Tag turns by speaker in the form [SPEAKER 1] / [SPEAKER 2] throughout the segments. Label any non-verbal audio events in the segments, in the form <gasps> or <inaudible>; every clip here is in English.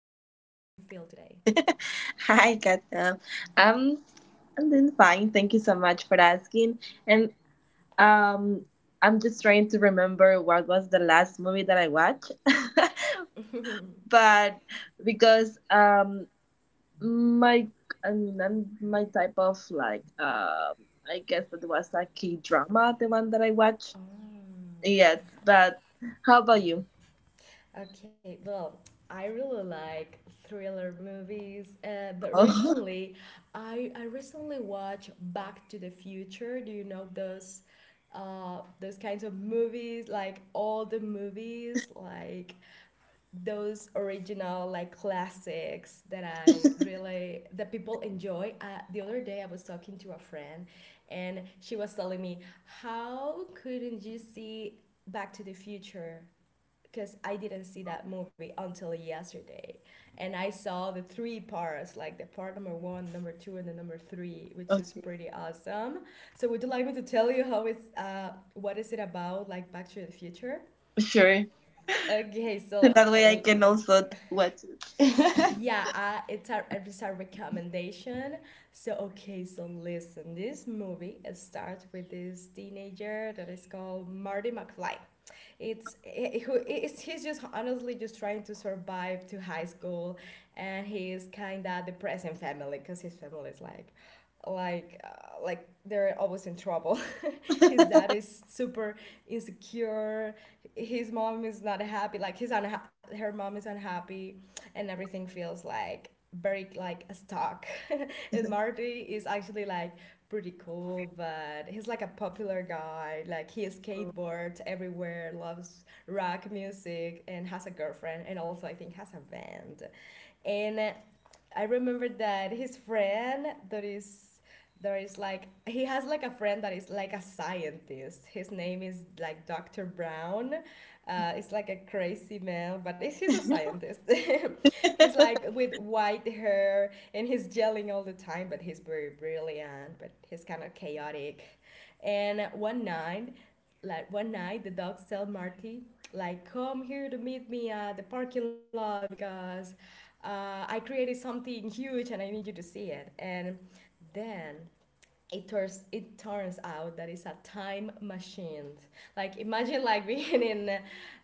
[SPEAKER 1] feel today?
[SPEAKER 2] <laughs> Hi, Kat. I'm I'm doing fine. Thank you so much for asking. And um, I'm just trying to remember what was the last movie that I watched. <laughs> but because my I mean, I'm my type of like I guess that was a K drama, the one that I watched.
[SPEAKER 1] Oh.
[SPEAKER 2] Yes, but how about you?
[SPEAKER 1] Okay, well, I really like thriller movies, but
[SPEAKER 2] Oh,
[SPEAKER 1] recently, I recently watched Back to the Future. Do you know those kinds of movies? Like all the movies, like those original like classics that I really that people enjoy. The other day, I was talking to a friend, and she was telling me, "How couldn't you see Back to the Future?" because I didn't see that movie until yesterday, and I saw the three parts, like the part number one, number two, and the number three, which is
[SPEAKER 2] <laughs> okay,
[SPEAKER 1] pretty awesome. So would you like me to tell you how it's what is it about, like Back to the Future?
[SPEAKER 2] sure.
[SPEAKER 1] Okay,
[SPEAKER 2] So
[SPEAKER 1] so
[SPEAKER 2] that way I
[SPEAKER 1] uh,
[SPEAKER 2] can also watch it.
[SPEAKER 1] yeah, it's a recommendation. So okay, so listen, this movie starts with this teenager that is called Marty McFly. It's he- who it's, He's just honestly just trying to survive to high school, and he's kind of depressing family because his family is like they're always in trouble. His dad is super insecure, his mom is not happy, like her mom is unhappy, and everything feels like very like a stock. <laughs> And Marty is actually like pretty cool, but he's like a popular guy, like he skateboards everywhere, loves rock music, and has a girlfriend, and also I think has a band. And I remember that his friend that is there is like, he has like a friend that is like a scientist. His name is like Dr. Brown. It's like a crazy man, but he's a scientist. <laughs> He's like with white hair and he's yelling all the time, but he's very brilliant, but he's kind of chaotic. And one night, the dogs tell Marty, like, come here to meet me at the parking lot because I created something huge and I need you to see it. And then it turns out that it's a time machine. Like imagine, like, <laughs> being in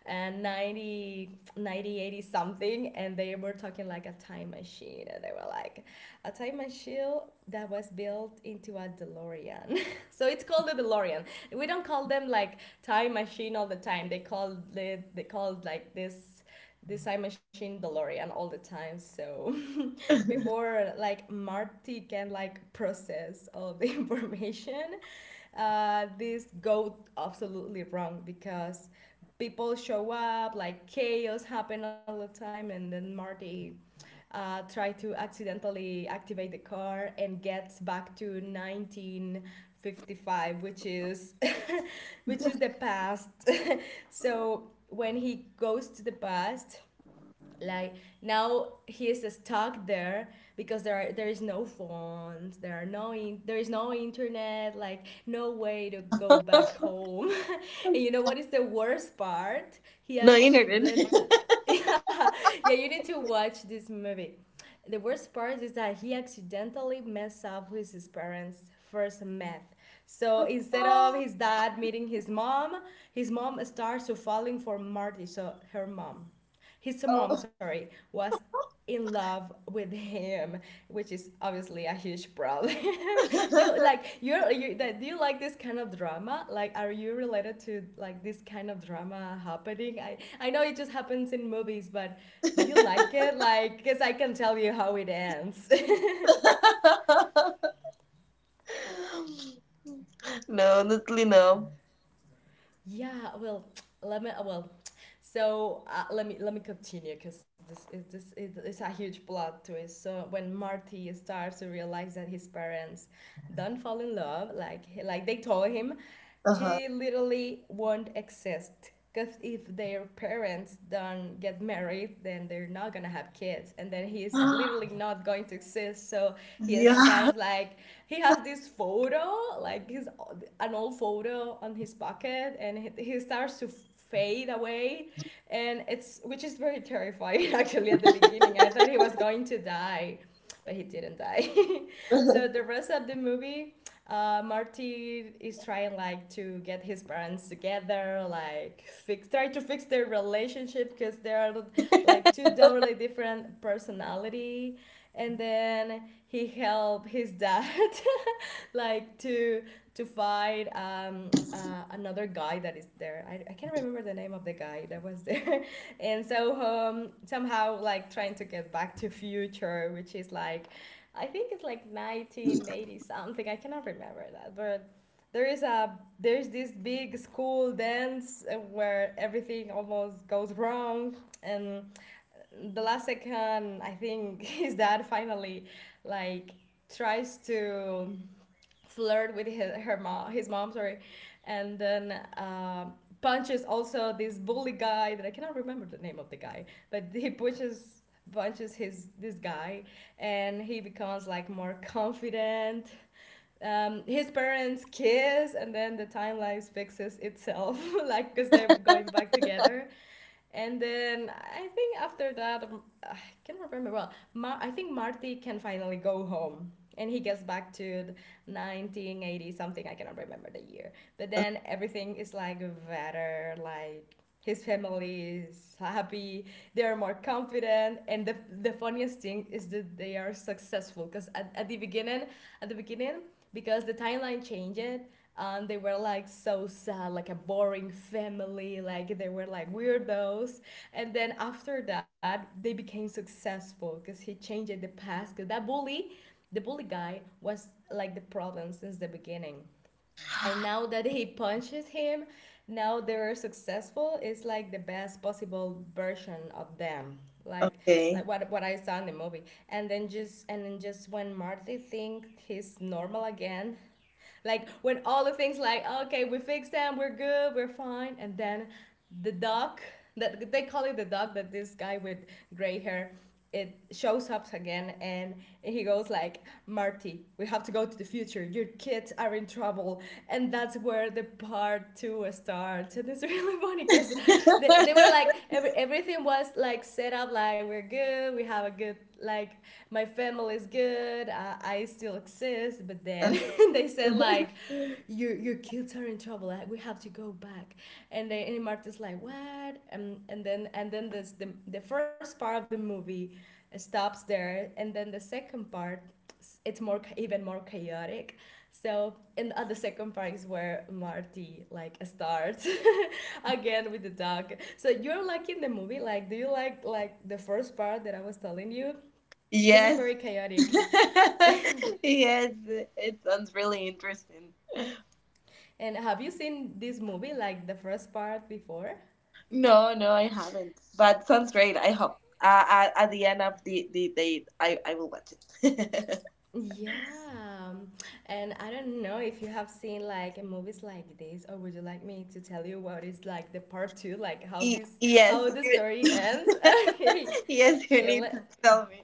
[SPEAKER 1] 90 ninety, 80 something, and they were talking like a time machine, and they were like a time machine that was built into a DeLorean. <laughs> So it's called the DeLorean, we don't call them like time machine all the time, they called like this time machine DeLorean all the time. So before like Marty can like process all the <laughs> information, this goes absolutely wrong because people show up, like chaos happen all the time, and then Marty try to accidentally activate the car and gets back to 1955, which is <laughs> which is the past. <laughs> So when he goes to the past, like now he is stuck there because there is no phones, there is no internet, like no way to go
[SPEAKER 2] <laughs>
[SPEAKER 1] back home. <laughs> And you know what is the worst part, he
[SPEAKER 2] No, you never did.
[SPEAKER 1] actually <laughs> yeah, yeah, you need to watch this movie. The worst part is that he accidentally messed up with his parents first met, so
[SPEAKER 2] <laughs>
[SPEAKER 1] instead of
[SPEAKER 2] Oh.
[SPEAKER 1] his dad meeting his mom, his mom starts to falling for Marty. So her mom, his mom,
[SPEAKER 2] <laughs>
[SPEAKER 1] sorry, was in love with him, which is obviously a huge problem. <laughs> Do you like you're you that do you like this kind of drama? Like, are you related to like this kind of drama happening? I know it just happens in movies, but do you like it? Like, cuz I can tell you how it ends.
[SPEAKER 2] No, honestly, no.
[SPEAKER 1] <laughs> Yeah, well, <tsk> let me well <tsk> so let me continue because this is it's a huge plot twist. So when Marty starts to realize that his parents don't fall in love like they told him,
[SPEAKER 2] Uh
[SPEAKER 1] he literally won't exist because if their parents don't get married, then they're not gonna have kids, and then he's literally
[SPEAKER 2] huh.
[SPEAKER 1] not going to exist. So
[SPEAKER 2] <gasps>
[SPEAKER 1] he
[SPEAKER 2] Yeah.
[SPEAKER 1] starts like he has this photo, like his an old photo on his pocket, and he starts to fade away, and it's which is very terrifying. <laughs> Actually at the beginning I thought he was going to die, but he didn't die. <laughs> So the rest of the movie, Marty is trying like to get his parents together, like try to fix their relationship because they are like two totally different personality. And then he help his dad, <laughs> like to fight another guy that is there. I can't remember the name of the guy that was there. <laughs> And so somehow like trying to get back to future, which is like I think it's like 1980 something. I cannot remember that, but there is a there's this big school dance where everything almost goes wrong, and the last second I think <laughs> his dad finally like tries to flirt with her mom, his mom, sorry, and then punches also this bully guy that I cannot remember the name of the guy, but he punches his this guy, and he becomes like more confident. His parents kiss, and then the timeline fixes itself. <laughs> Like because they're going back together, and then I think after that, I can't remember well. I think Marty can finally go home, and he gets back to 1980 something. I cannot remember the year. But then everything is like better, like his family is happy, they are more confident, and the funniest thing is that they are successful because at the beginning because the timeline changed, and they were like so sad, like a boring family, like they were like weirdos, and then after that they became successful because he changed the past because that bully the bully guy was like the problem since the beginning, and now that he punches him now they're successful. It's like the best possible version of them, like
[SPEAKER 2] Okay.
[SPEAKER 1] what I saw in the movie. And then just when Marty thinks he's normal again, like when all the things, like okay, we fixed them, we're good, we're fine, and then the dog the dog that this guy with gray hair, it shows up again, and he goes like, Marty, we have to go to the future, your kids are in trouble. And that's where the part two starts. And it's <laughs> really funny because they were like everything was like set up, like we're good, we have a good like my family is good. I still exist. But then <laughs> they said like,
[SPEAKER 2] <laughs>
[SPEAKER 1] your kids are in trouble. Like, we have to go back. And then and Marta's like, what? And then this the first part of the movie stops there, and then the second part it's more even more chaotic. So and at the second part is where Marty like starts <laughs> again with the dog. So you're liking the movie? Like, do you like the first part that I was telling you? Because it's
[SPEAKER 2] Yes.
[SPEAKER 1] very chaotic.
[SPEAKER 2] <laughs> Yes. It sounds really interesting.
[SPEAKER 1] And have you seen this movie, like the first part before?
[SPEAKER 2] No, no, I haven't. But sounds great. I hope. At the end of the date, I will watch it. <laughs>
[SPEAKER 1] Yeah. And I don't know if you have seen like movies like this, or would you like me to tell you what is like the part two, like how
[SPEAKER 2] Y-
[SPEAKER 1] this how
[SPEAKER 2] yes,
[SPEAKER 1] the
[SPEAKER 2] you,
[SPEAKER 1] story ends? <laughs> Okay.
[SPEAKER 2] <laughs> yes,
[SPEAKER 1] Okay,
[SPEAKER 2] you need
[SPEAKER 1] let,
[SPEAKER 2] to tell me.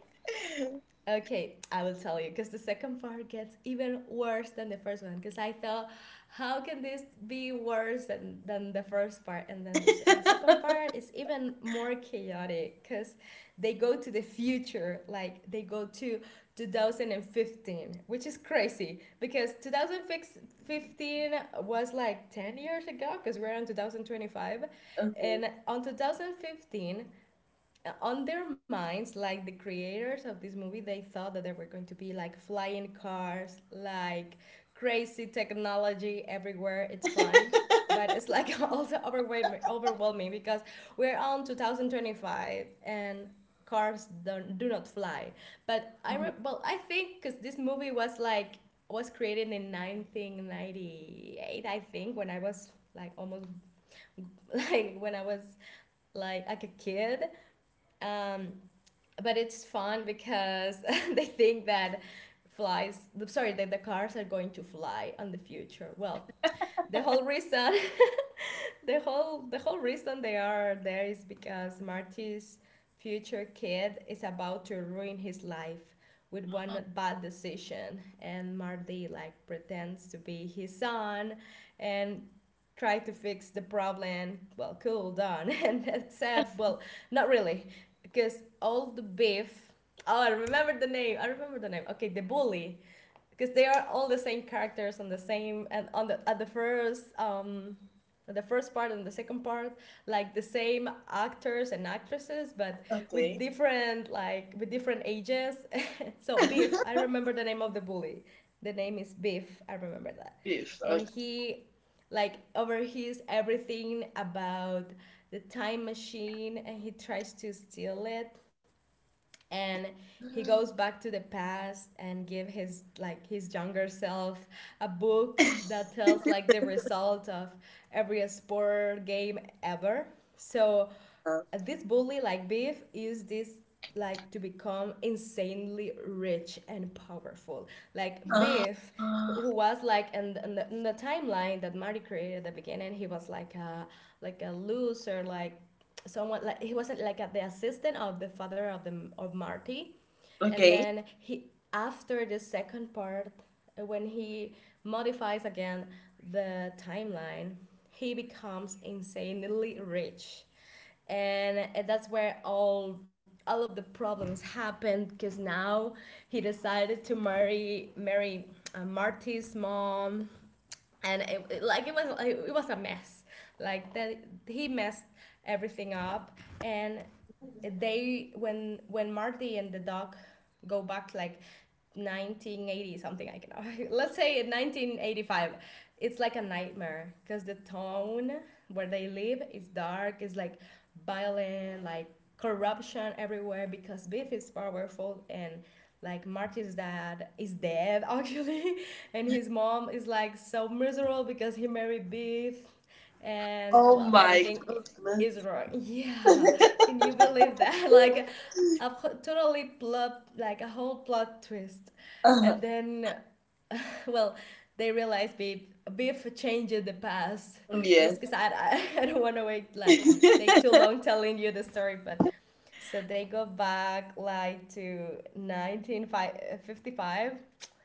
[SPEAKER 1] Okay, I will tell you because the second part gets even worse than the first one. Because I thought, how can this be worse than the first part? And then the second
[SPEAKER 2] <laughs>
[SPEAKER 1] part is even more chaotic because they go to the future, like they go to 2015, which is crazy because 2015 was like 10 years ago because we're on 2025.
[SPEAKER 2] Mhm,
[SPEAKER 1] And on 2015, on their minds, like the creators of this movie, they thought that there were going to be like flying cars, like crazy technology everywhere. It's fun, but it's like <laughs> also overwhelming because we're on 2025 and cars don't, do not fly. But
[SPEAKER 2] mhm.
[SPEAKER 1] well, I think because this movie was created in 1998, I think, when I was like almost <laughs> like when I was like a kid. Um, but it's fun because <laughs> they think that flies, sorry, that the cars are going to fly in the future. Well, the whole reason <laughs> <laughs> the whole reason they are there is because Marty's future kid is about to ruin his life with one bad decision, and Marty like pretends to be his son and try to fix the problem. Well, cool, done. <laughs> And except, well, not really, because all the beef. Oh, I remember the name. Okay, the bully. Because they are all the same characters on the same, and on the, at the first part and the second part, like the same actors and actresses, but with
[SPEAKER 2] Okay.
[SPEAKER 1] different like with different ages. <laughs> So beef, I
[SPEAKER 2] <laughs>
[SPEAKER 1] remember the name of the bully. The name is beef. I remember that.
[SPEAKER 2] Beef.
[SPEAKER 1] And
[SPEAKER 2] Okay.
[SPEAKER 1] he like overhears everything about the time machine, and he tries to steal it, and he goes back to the past and give his younger self a book that tells like the result of every sport game ever. So this bully like beef used this like to become insanely rich and powerful. Like
[SPEAKER 2] Ah,
[SPEAKER 1] beef,
[SPEAKER 2] ah,
[SPEAKER 1] who was like, and in the timeline that Marty created at the beginning, he was like a loser, like someone, like he was like the assistant of the father of Marty. And
[SPEAKER 2] okay.
[SPEAKER 1] then he, after the second part, when he modifies again the timeline, he becomes insanely rich, and that's where all of the problems happened. Because now he decided to marry Marty's mom, and it was a mess. Like that, he messed everything up. And they when Marty and the dog go back like 1980 something. I can. <laughs> Let's say in 1985, it's like a nightmare, because the town where they live is dark, is like violent, like corruption everywhere, because beef is powerful, and like Marty's dad is dead, <laughs> actually. And his mom is like so miserable because he married beef, and
[SPEAKER 2] Oh
[SPEAKER 1] well,
[SPEAKER 2] my
[SPEAKER 1] everything is
[SPEAKER 2] goodness.
[SPEAKER 1] wrong. <laughs> Yeah, can you believe that? <laughs> Like a totally plot, like a whole plot twist. And
[SPEAKER 2] Uh,
[SPEAKER 1] then <laughs> well, they realize beef changed the past.
[SPEAKER 2] yes.
[SPEAKER 1] Just because I, <laughs> I don't want to wait, like take too long
[SPEAKER 2] <laughs>
[SPEAKER 1] telling you the story. But so they go back like to 1955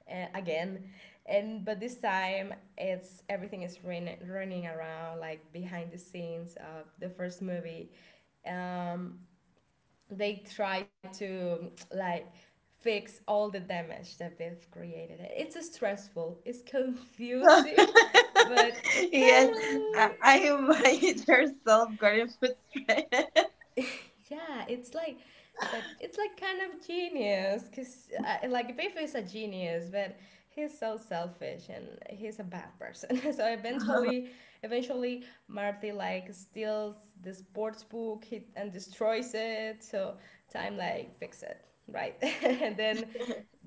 [SPEAKER 1] again. And but this time, it's everything is running around, like behind the scenes of the first movie. Um, they try to like fix all the damage that they've created. It's stressful, it's <laughs> confusing, but kind
[SPEAKER 2] Yes. I
[SPEAKER 1] of.
[SPEAKER 2] imagine yourself going food straight.
[SPEAKER 1] Yeah, it's like, but it's like kind of genius, because like Biff is a genius, but he's so selfish and he's a bad person. <laughs> So eventually, Marty like steals the sports book, and destroys it. So time like fix it, right? <laughs> And then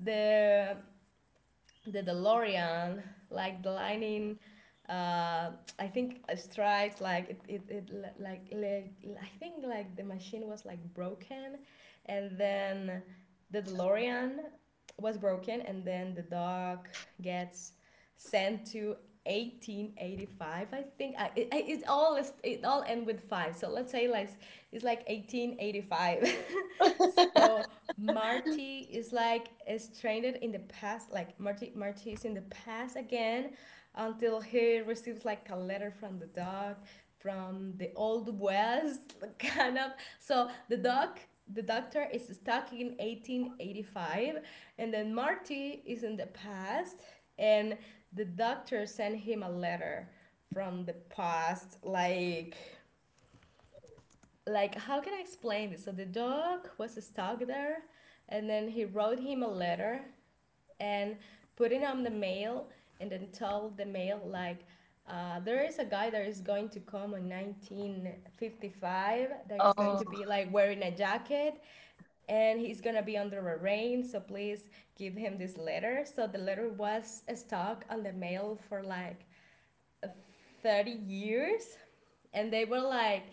[SPEAKER 1] the the DeLorean, like the lightning. Uh, I think it strikes like it like, like I think like the machine was like broken, and then the DeLorean was broken, and then the dog gets sent to 1885. I think, I, it all is it all end with five, so let's say like it's like 1885. <laughs> So Marty is like stranded in the past. Like Marty is in the past again, until he receives like a letter from the dog from the old west, <laughs> kind of. So the dog. The doctor is stuck in 1885, and then Marty is in the past, and the doctor sent him a letter from the past, like how can I explain this? So the dog was stuck there, and then he wrote him a letter and put it on the mail, and then told the mail like. There is a guy that is going to come in 1955 that is going
[SPEAKER 2] <laughs> Oh.
[SPEAKER 1] to be like wearing a jacket, and he's gonna be under a rain, so please give him this letter. So the letter was stuck on the mail for like 30 years, and they were like,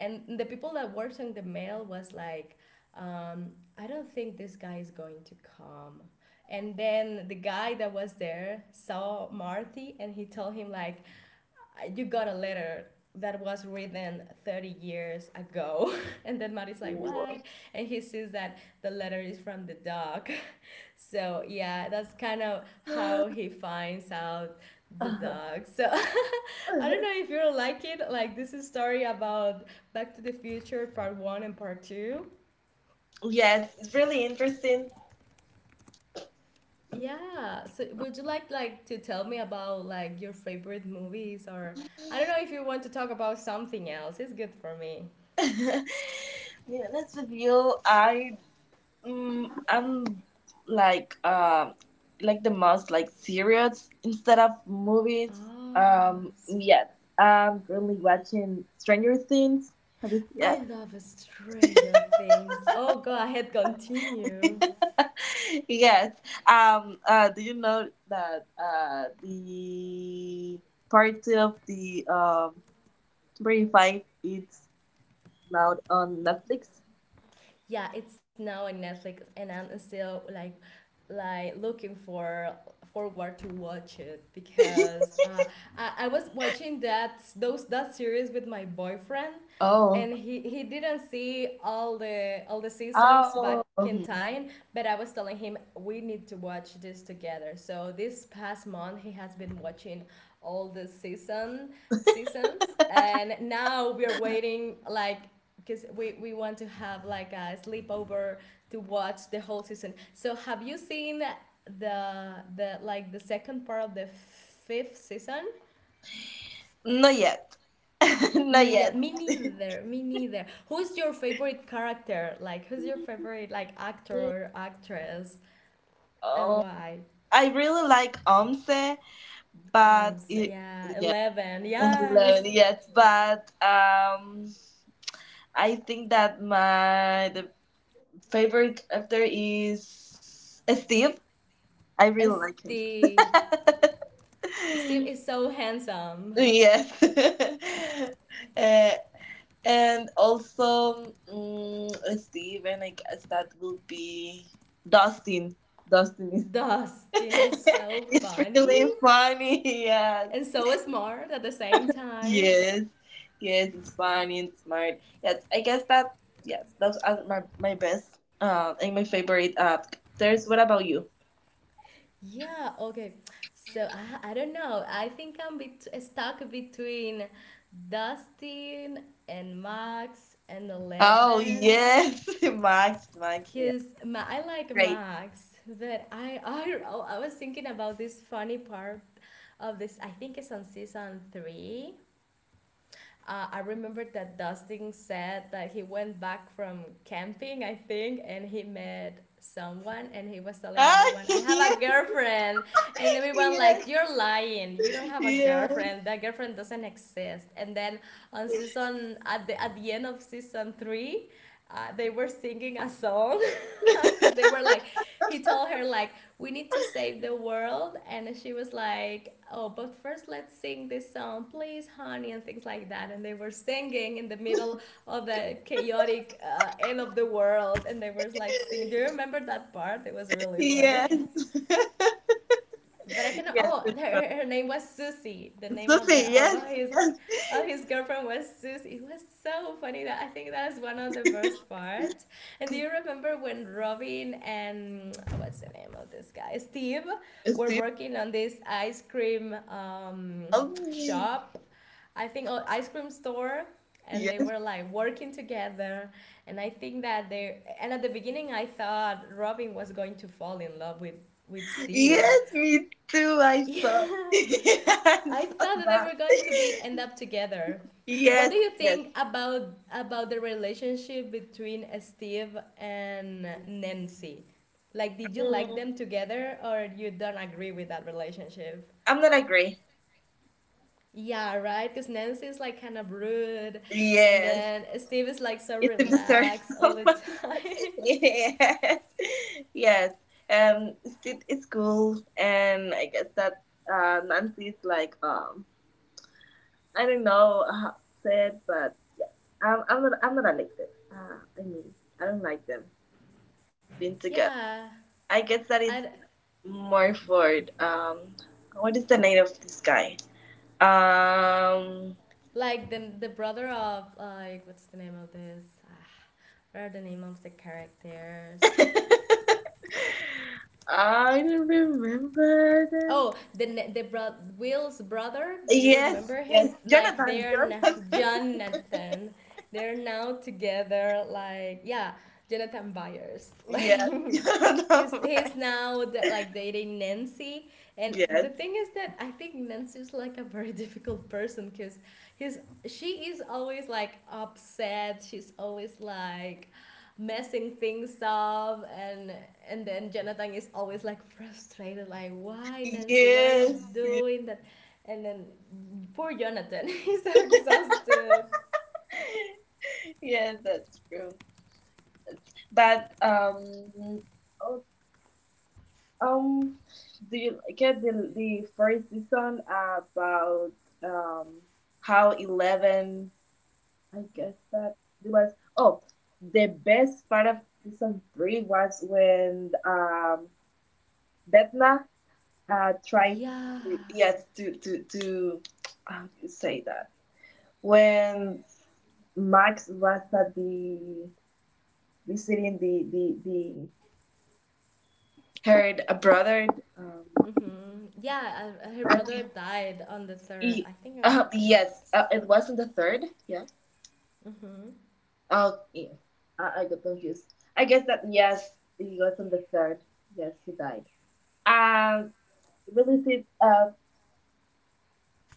[SPEAKER 1] and the people that worked on the mail was like, um, I don't think this guy is going to come. And then the guy that was there saw Marty and he told him like, you got a letter that was written 30 years ago. <laughs> And then Marty's like, what? And he sees that the letter is from the dog. So yeah, that's kind of how he
[SPEAKER 2] <laughs>
[SPEAKER 1] finds out the
[SPEAKER 2] Uh-huh.
[SPEAKER 1] dog. So <laughs> I don't know if you'll like it. Like this is story about Back to the Future Part One and Part Two.
[SPEAKER 2] Yes, it's really interesting. <laughs>
[SPEAKER 1] Yeah. So would you like to tell me about like your favorite movies, or I don't know if you want to talk about something else. It's good for me.
[SPEAKER 2] To be honest with you, I'm like like the most like serious instead of movies.
[SPEAKER 1] Oh,
[SPEAKER 2] Yes, I'm currently watching Stranger Things. Have you seen
[SPEAKER 1] I love Stranger Things. Oh, go ahead, continue.
[SPEAKER 2] it? <laughs> Yes. Do you know that the part of the 25 it's Loud on Netflix?
[SPEAKER 1] Yeah, it's now on Netflix, and I'm still like looking for forward to watch it, because
[SPEAKER 2] <laughs>
[SPEAKER 1] I was watching that series with my boyfriend,
[SPEAKER 2] Oh.
[SPEAKER 1] and he didn't see all the seasons
[SPEAKER 2] Oh.
[SPEAKER 1] back in time. But I was telling him, we need to watch this together. So this past month he has been watching all the seasons,
[SPEAKER 2] <laughs>
[SPEAKER 1] and now we're waiting, like, because we want to have like a sleepover to watch the whole season. So have you seen the the second part of the fifth season?
[SPEAKER 2] Not yet. <laughs>
[SPEAKER 1] No,
[SPEAKER 2] Not
[SPEAKER 1] yeah,
[SPEAKER 2] yet.
[SPEAKER 1] me neither. Me neither. Who's your favorite character? Like who's your favorite, like, actor or actress, and
[SPEAKER 2] Oh.
[SPEAKER 1] why?
[SPEAKER 2] I really like Omse, but
[SPEAKER 1] So
[SPEAKER 2] it,
[SPEAKER 1] yeah,
[SPEAKER 2] yeah,
[SPEAKER 1] Eleven.
[SPEAKER 2] <laughs> and
[SPEAKER 1] Yes.
[SPEAKER 2] Eleven, yes, but I think that my the favorite actor is Steve. I
[SPEAKER 1] And
[SPEAKER 2] really like him.
[SPEAKER 1] Steve. Steve is
[SPEAKER 2] <laughs>
[SPEAKER 1] so handsome.
[SPEAKER 2] Yes. <laughs> Uh, and also, let's see, when I guess that will be Dustin. Dustin is <laughs>
[SPEAKER 1] Dustin is so
[SPEAKER 2] it's
[SPEAKER 1] funny,
[SPEAKER 2] really funny. <laughs> Yes.
[SPEAKER 1] and so smart at the same time.
[SPEAKER 2] Yes. Yes, it's funny and smart. Yes, I guess that, yes, those are my best and my favorite actors. What about you?
[SPEAKER 1] Yeah, okay. So I don't know. I think I'm stuck between Dustin and Max and
[SPEAKER 2] Oh,
[SPEAKER 1] Eleven.
[SPEAKER 2] yes. <laughs> Max, Max. Yeah.
[SPEAKER 1] Cause I like
[SPEAKER 2] Great.
[SPEAKER 1] Max, but I don't know. I was thinking about this funny part of this. I think it's on season three. I remember that Dustin said that he went back from camping, I think, and he met someone, and he was telling
[SPEAKER 2] Ah,
[SPEAKER 1] everyone, I
[SPEAKER 2] <laughs>
[SPEAKER 1] have a
[SPEAKER 2] yes,
[SPEAKER 1] girlfriend, and everyone like,
[SPEAKER 2] yes,
[SPEAKER 1] you're lying, you don't have a
[SPEAKER 2] yes.
[SPEAKER 1] girlfriend, that girlfriend doesn't exist. And then on season at the end of season three, they were singing a song, <laughs> because they were like, he told her like, we need to save the world, and she was like, oh, but first let's sing this song, please honey, and things like that. And they were singing in the middle of the chaotic end of the world, and they were like singing. Do you remember that part? It was really funny. <laughs>
[SPEAKER 2] Yes. <laughs>
[SPEAKER 1] But I can. Oh,
[SPEAKER 2] Yes.
[SPEAKER 1] her name was Susie. The name of the
[SPEAKER 2] Sophie,
[SPEAKER 1] of
[SPEAKER 2] yes.
[SPEAKER 1] his
[SPEAKER 2] Yes.
[SPEAKER 1] of his girlfriend was Susie. It was so funny that I think that's one of the worst parts. And do you remember when Robin, and what's the name of this guy, Steve, were
[SPEAKER 2] Steve,
[SPEAKER 1] working on this ice cream
[SPEAKER 2] help me.
[SPEAKER 1] shop? I think, oh, ice cream store, and they
[SPEAKER 2] Yes.
[SPEAKER 1] were like working together. And i think that they and at the beginning I thought Robin was going to fall in love with Steve.
[SPEAKER 2] Yes, me too. I saw. <laughs>
[SPEAKER 1] Yeah,
[SPEAKER 2] I
[SPEAKER 1] I
[SPEAKER 2] saw
[SPEAKER 1] thought that they
[SPEAKER 2] that.
[SPEAKER 1] were going to be end up together. What do
[SPEAKER 2] Yes,
[SPEAKER 1] you
[SPEAKER 2] yes.
[SPEAKER 1] think about the relationship between Steve and Nancy? Like, did you like
[SPEAKER 2] Mm,
[SPEAKER 1] them together, or you don't agree with that relationship?
[SPEAKER 2] I'm gonna agree.
[SPEAKER 1] Yeah, right. Because Nancy is like kind of rude, and
[SPEAKER 2] Yes.
[SPEAKER 1] then Steve is like so
[SPEAKER 2] It's a dessert.
[SPEAKER 1] relaxed all the
[SPEAKER 2] <laughs>
[SPEAKER 1] time.
[SPEAKER 2] Yes. Yes. Um, Steve is cool. And I guess that Nancy is like, I don't know how to say it, but I'm not. I'm not like that. I mean, I don't like them being
[SPEAKER 1] <laughs>
[SPEAKER 2] together.
[SPEAKER 1] Yeah,
[SPEAKER 2] I guess that it's
[SPEAKER 1] and
[SPEAKER 2] more for what is the name of this guy? Um,
[SPEAKER 1] like the brother of, like, what's the name of this? Ah, what are the name of the characters?
[SPEAKER 2] <laughs> I don't remember them.
[SPEAKER 1] Oh, the ne- the bro- Will's brother. Do you
[SPEAKER 2] Yes,
[SPEAKER 1] remember
[SPEAKER 2] yes,
[SPEAKER 1] him? Like
[SPEAKER 2] Jonathan,
[SPEAKER 1] they're
[SPEAKER 2] Jonathan. <laughs>
[SPEAKER 1] Jonathan. They're now together. Like yeah, Jonathan Byers. <laughs> Like
[SPEAKER 2] Yes, <laughs>
[SPEAKER 1] he's
[SPEAKER 2] Jonathan.
[SPEAKER 1] he's now like dating Nancy. And the
[SPEAKER 2] Yes,
[SPEAKER 1] thing is that I think Nancy's like a very <laughs> difficult person, because his she is always like upset. She's always like messing things up, and then Jonathan is always like frustrated, like, why Nancy, why are you
[SPEAKER 2] yes, yes.
[SPEAKER 1] doing that? And then poor Jonathan, <laughs> he's so exhausted.
[SPEAKER 2] <laughs> Yes, that's true. But oh Um, do you get the first season about um how Eleven? I guess that it was. Oh, the best part of season 3 was when Betna tried
[SPEAKER 1] Yeah.
[SPEAKER 2] to yes to how do you say that when Max was at the visiting the her brother um
[SPEAKER 1] Mm-hmm. Yeah, her brother died on the third,
[SPEAKER 2] Ye-
[SPEAKER 1] I think on the third.
[SPEAKER 2] yes, it wasn't the third. Yeah.
[SPEAKER 1] Mm-hmm.
[SPEAKER 2] Oh, yes. I got confused. I guess that yes, he was on the third. Yes, he died. Um, really, see,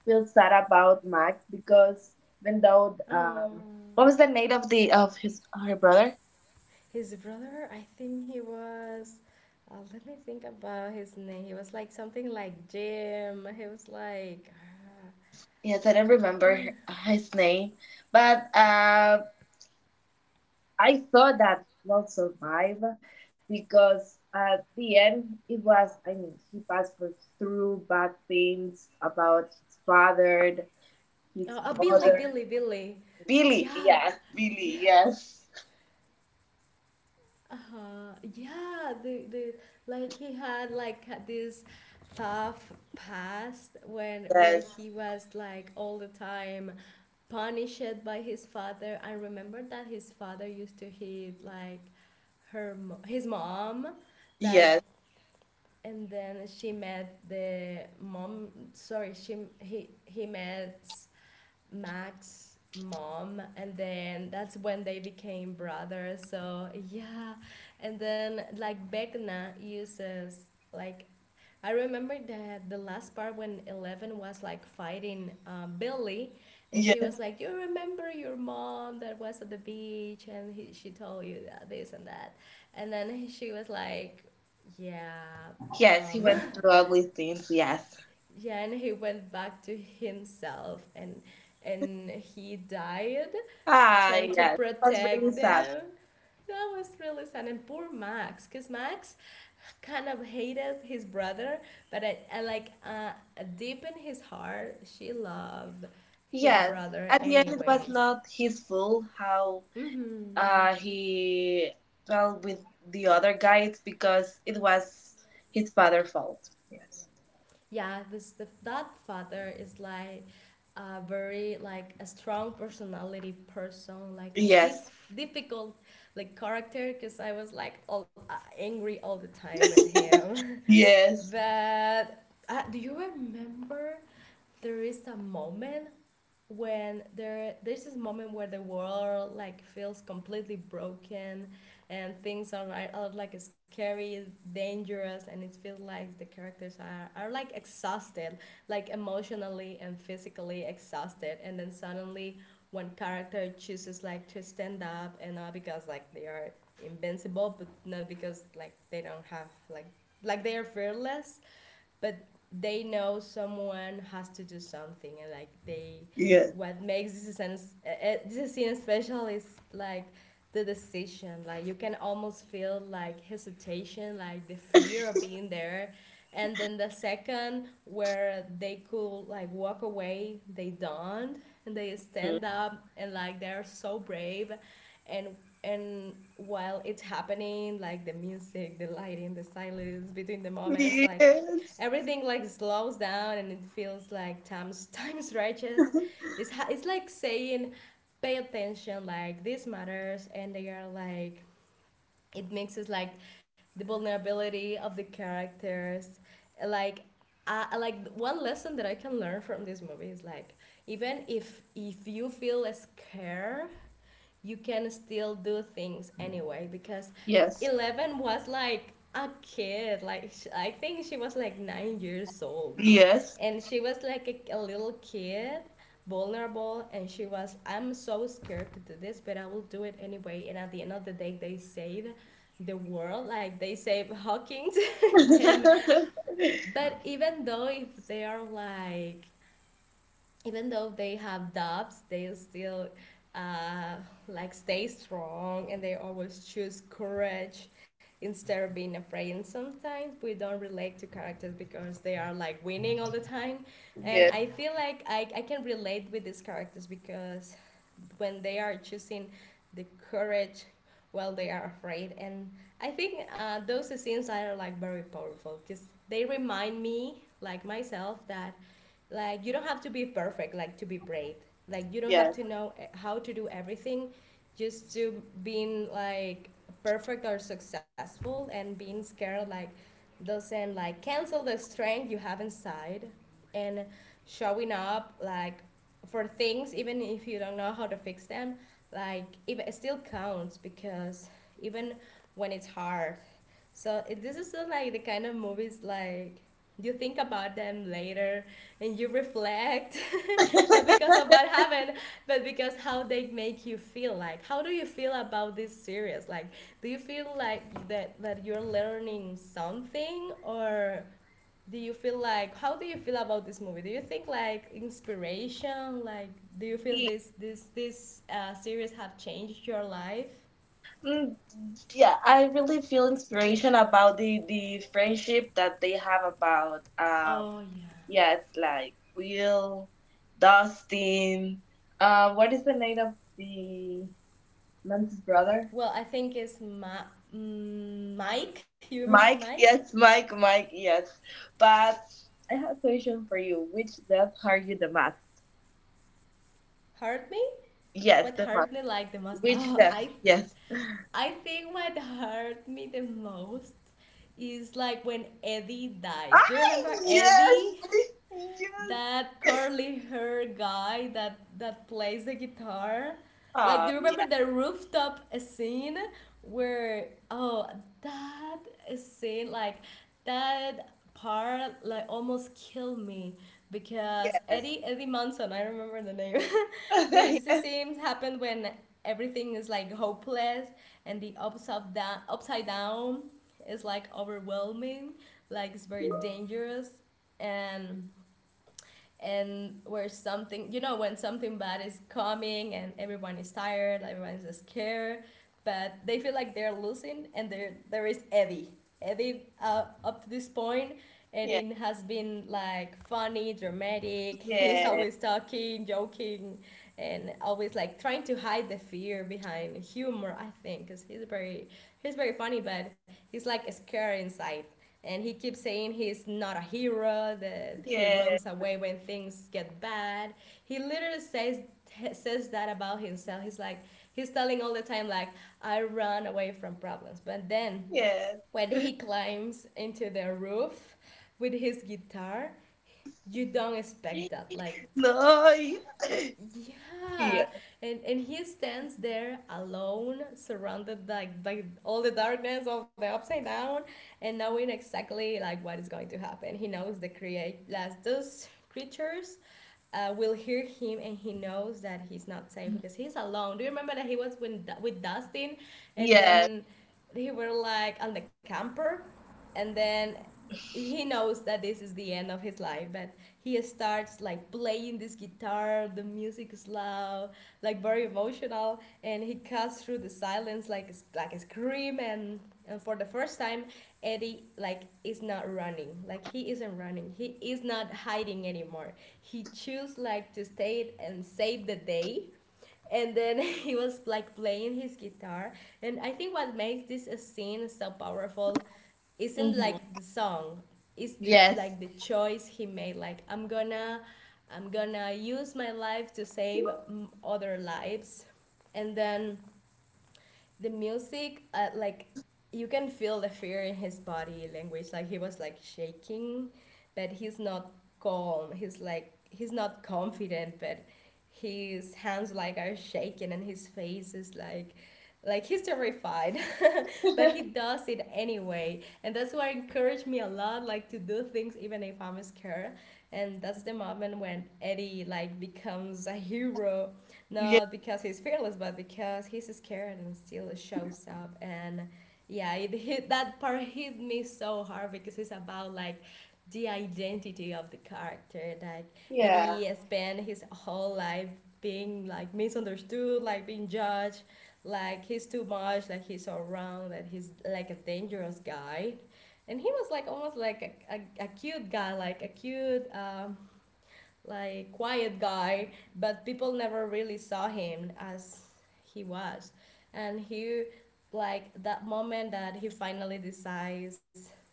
[SPEAKER 2] feel sad about Max because even though
[SPEAKER 1] Oh,
[SPEAKER 2] what was the name of the of his her brother?
[SPEAKER 1] his brother, I think he was, let me think about his name, he was like something like Jim, he was like,
[SPEAKER 2] Yes, I don't
[SPEAKER 1] I
[SPEAKER 2] remember
[SPEAKER 1] can.
[SPEAKER 2] his name, but I thought that he will survive because at the end it was I mean he passed for through bad things about his father, his
[SPEAKER 1] Billy,
[SPEAKER 2] mother.
[SPEAKER 1] Billy, Billy.
[SPEAKER 2] Billy,
[SPEAKER 1] Yeah.
[SPEAKER 2] yes, Billy,
[SPEAKER 1] Yeah.
[SPEAKER 2] yes.
[SPEAKER 1] Uh-huh. Yeah. The like he had like had this tough past when where
[SPEAKER 2] Yes.
[SPEAKER 1] he was like all the time punished by his father. I remember that his father used to hit like his mom, like,
[SPEAKER 2] Yes.
[SPEAKER 1] and then she met the mom. Sorry, she he met Max mom, and then that's when they became brothers. So yeah, and then like Begna uses, like I remember that the last part when Eleven was like fighting Billy, and she
[SPEAKER 2] Yes.
[SPEAKER 1] was like, you remember your mom that was at the beach and she told you that this and that? And then she was like, yeah,
[SPEAKER 2] Yes, he
[SPEAKER 1] um,
[SPEAKER 2] went through ugly things, yes.
[SPEAKER 1] <laughs> yeah, and he went back to himself, and he died
[SPEAKER 2] Ah
[SPEAKER 1] trying to
[SPEAKER 2] yes. It was really
[SPEAKER 1] protect
[SPEAKER 2] sad.
[SPEAKER 1] them. That was really sad. And poor Max, because Max kind of hated his brother, but I like deep in his heart, she loved his
[SPEAKER 2] Yes.
[SPEAKER 1] brother
[SPEAKER 2] At the end it was
[SPEAKER 1] anyways.
[SPEAKER 2] not his fault how
[SPEAKER 1] Mm-hmm.
[SPEAKER 2] he well with the other guy it's because it was his father' fault. Yes.
[SPEAKER 1] Yeah, that father is like a very like a strong personality person, like a
[SPEAKER 2] Yes.
[SPEAKER 1] difficult like character. Because I was like all angry all the time with him.
[SPEAKER 2] <laughs>
[SPEAKER 1] <laughs>
[SPEAKER 2] Yes,
[SPEAKER 1] But do you remember there is a moment when there's this moment where the world like feels completely broken and things are, are like scary dangerous and it feels like the characters are like exhausted like emotionally and physically exhausted, and then suddenly one character chooses like to stand up, and not because like they are invincible, but not because like they don't have like they are fearless, but they know someone has to do something, and like they
[SPEAKER 2] yes.
[SPEAKER 1] what makes this scene special is like the decision, like you can almost feel like hesitation, like the fear of being there, and then the second where they could like walk away, they don't, and they
[SPEAKER 2] Mm.
[SPEAKER 1] stand up, and like they're so brave, and and while it's happening, like the music, the lighting, the silence between the moments, like
[SPEAKER 2] Yes.
[SPEAKER 1] everything like slows down, and it feels like times <laughs> times righteous.
[SPEAKER 2] <laughs>
[SPEAKER 1] It's it's like saying, pay attention, like this matters, and they are like it mixes like the vulnerability of the characters. Like I like one lesson that I can learn from this movie is like, even if you feel scared, you can still do things anyway, because
[SPEAKER 2] Yes,
[SPEAKER 1] 11 was like a kid like I think she was like 9 years old,
[SPEAKER 2] yes.
[SPEAKER 1] and she was like a little kid vulnerable, and she was, I'm so scared to do this, but I will do it anyway. And at the end of the day, they saved the world, like they say Hawkins. <laughs> Then,
[SPEAKER 2] <laughs>
[SPEAKER 1] but even though if they are, like even though they have doubts, they still uh, like stay strong, and they always choose courage instead of being afraid. And sometimes we don't relate to characters because they are like winning all the time. And
[SPEAKER 2] Yes,
[SPEAKER 1] I feel like I can relate with these characters because when they are choosing the courage while they are afraid. And I think those scenes are like very powerful because they remind me, like myself, that like you don't have to be perfect like to be brave, like you don't have
[SPEAKER 2] yes.
[SPEAKER 1] to know how to do everything just to being like perfect or successful, and being scared like doesn't like cancel the strength you have inside, and showing up like for things even if you don't know how to fix them, like if it still counts, because even when it's hard. So it, this is like the kind of movies like you think about them later and you reflect. <laughs> Not because
[SPEAKER 2] <laughs>
[SPEAKER 1] of what happened, but because how they make you feel. Like how do you feel about this series? Like do you feel like that you're learning something, or do you feel like how do you feel about this movie? Do you think like inspiration, like do you feel this this series have changed your life?
[SPEAKER 2] Mm, yeah, I really feel inspiration about the friendship that they have about
[SPEAKER 1] Oh yeah.
[SPEAKER 2] yeah, it's like Will, Dustin. What is the name of the Nancy's brother?
[SPEAKER 1] Well, I think it's Mike, you remember
[SPEAKER 2] Mike.
[SPEAKER 1] Mike
[SPEAKER 2] Yes, Mike. Mike. Yes. But I have a question for you. Which death are you the most?
[SPEAKER 1] hurt me
[SPEAKER 2] Yes,
[SPEAKER 1] what
[SPEAKER 2] the most.
[SPEAKER 1] hurt me like the most.
[SPEAKER 2] Which
[SPEAKER 1] Oh,
[SPEAKER 2] death?
[SPEAKER 1] i
[SPEAKER 2] Yes.
[SPEAKER 1] I think what hurt <laughs> me the most is like when Eddie dies.
[SPEAKER 2] Ah,
[SPEAKER 1] Do you remember
[SPEAKER 2] yes,
[SPEAKER 1] Eddie?
[SPEAKER 2] <laughs> yes.
[SPEAKER 1] That curly hair guy that plays the guitar. Like, do you
[SPEAKER 2] Yeah,
[SPEAKER 1] remember the rooftop scene where, oh that scene, like that part like almost killed me because
[SPEAKER 2] yes.
[SPEAKER 1] Eddie, Eddie Munson, I remember the name. <laughs> is this
[SPEAKER 2] <laughs>
[SPEAKER 1] scene happened when everything is like hopeless, and the upside down is like overwhelming, like it's very dangerous, and where something, you know, when something bad is coming, and everyone is tired, everyone is scared, but they feel like they're losing, and there is Eddie. Eddie, up to this point,
[SPEAKER 2] Yes, yes,
[SPEAKER 1] Eddie has been like funny, dramatic, he's always talking, joking, and always like trying to hide the fear behind humor, I think, because he's very, he's very funny, but he's like scared inside, and he keeps saying he's not a hero, that he
[SPEAKER 2] yes, yes,
[SPEAKER 1] runs away when things get bad. He literally says that about himself. He's like, he's telling all the time, like I run away from problems, but then when he climbs into the roof with his guitar, you don't expect
[SPEAKER 2] yes.
[SPEAKER 1] that. Like,
[SPEAKER 2] No, yes,
[SPEAKER 1] yeah,
[SPEAKER 2] yes,
[SPEAKER 1] and he stands there alone, surrounded like by all the darkness of the upside down, and knowing exactly like what is going to happen. He knows the create, like those creatures will hear him, and he knows that he's not safe because he's alone. Do you remember that he was with Dustin,
[SPEAKER 2] <laughs>
[SPEAKER 1] and
[SPEAKER 2] yes.
[SPEAKER 1] then he were like on the camper, and then he knows that this is the end of his life, but he starts like playing this guitar, the music is loud like very emotional, and he cuts through the silence like like a scream, and for the first time, Eddie like is not running, like he isn't running, he is not hiding anymore. He chooses like to stay and save the day, and then <laughs> he was like playing his guitar, and I think what makes this a scene so powerful isn't
[SPEAKER 2] Hmm,
[SPEAKER 1] like the song, it's the
[SPEAKER 2] yes.
[SPEAKER 1] like the choice he made, like I'm gonna use my life to save other lives, and then the music, like you can feel the fear in his body language, like he was like shaking, but he's not calm, he's like, he's not confident, but his hands like are shaking, and his face is like he's terrified <laughs> but he
[SPEAKER 2] <laughs>
[SPEAKER 1] does it anyway. And that's why encouraged me a lot like to do things even if I'm scared, and that's the moment when Eddie like becomes a hero,
[SPEAKER 2] Yeah.
[SPEAKER 1] not because he's fearless, but because he's scared and still shows up. And yeah, it hit that part hit me so hard because it's about like the identity of the character. Like
[SPEAKER 2] Yeah.
[SPEAKER 1] Eddie spent his whole life being like misunderstood, like being judged, like he's too much, like he's all wrong, that he's like a dangerous guy. And he was like almost like a, a cute guy, like a cute like quiet guy, but people never really saw him as he was. And he like that moment that he finally decides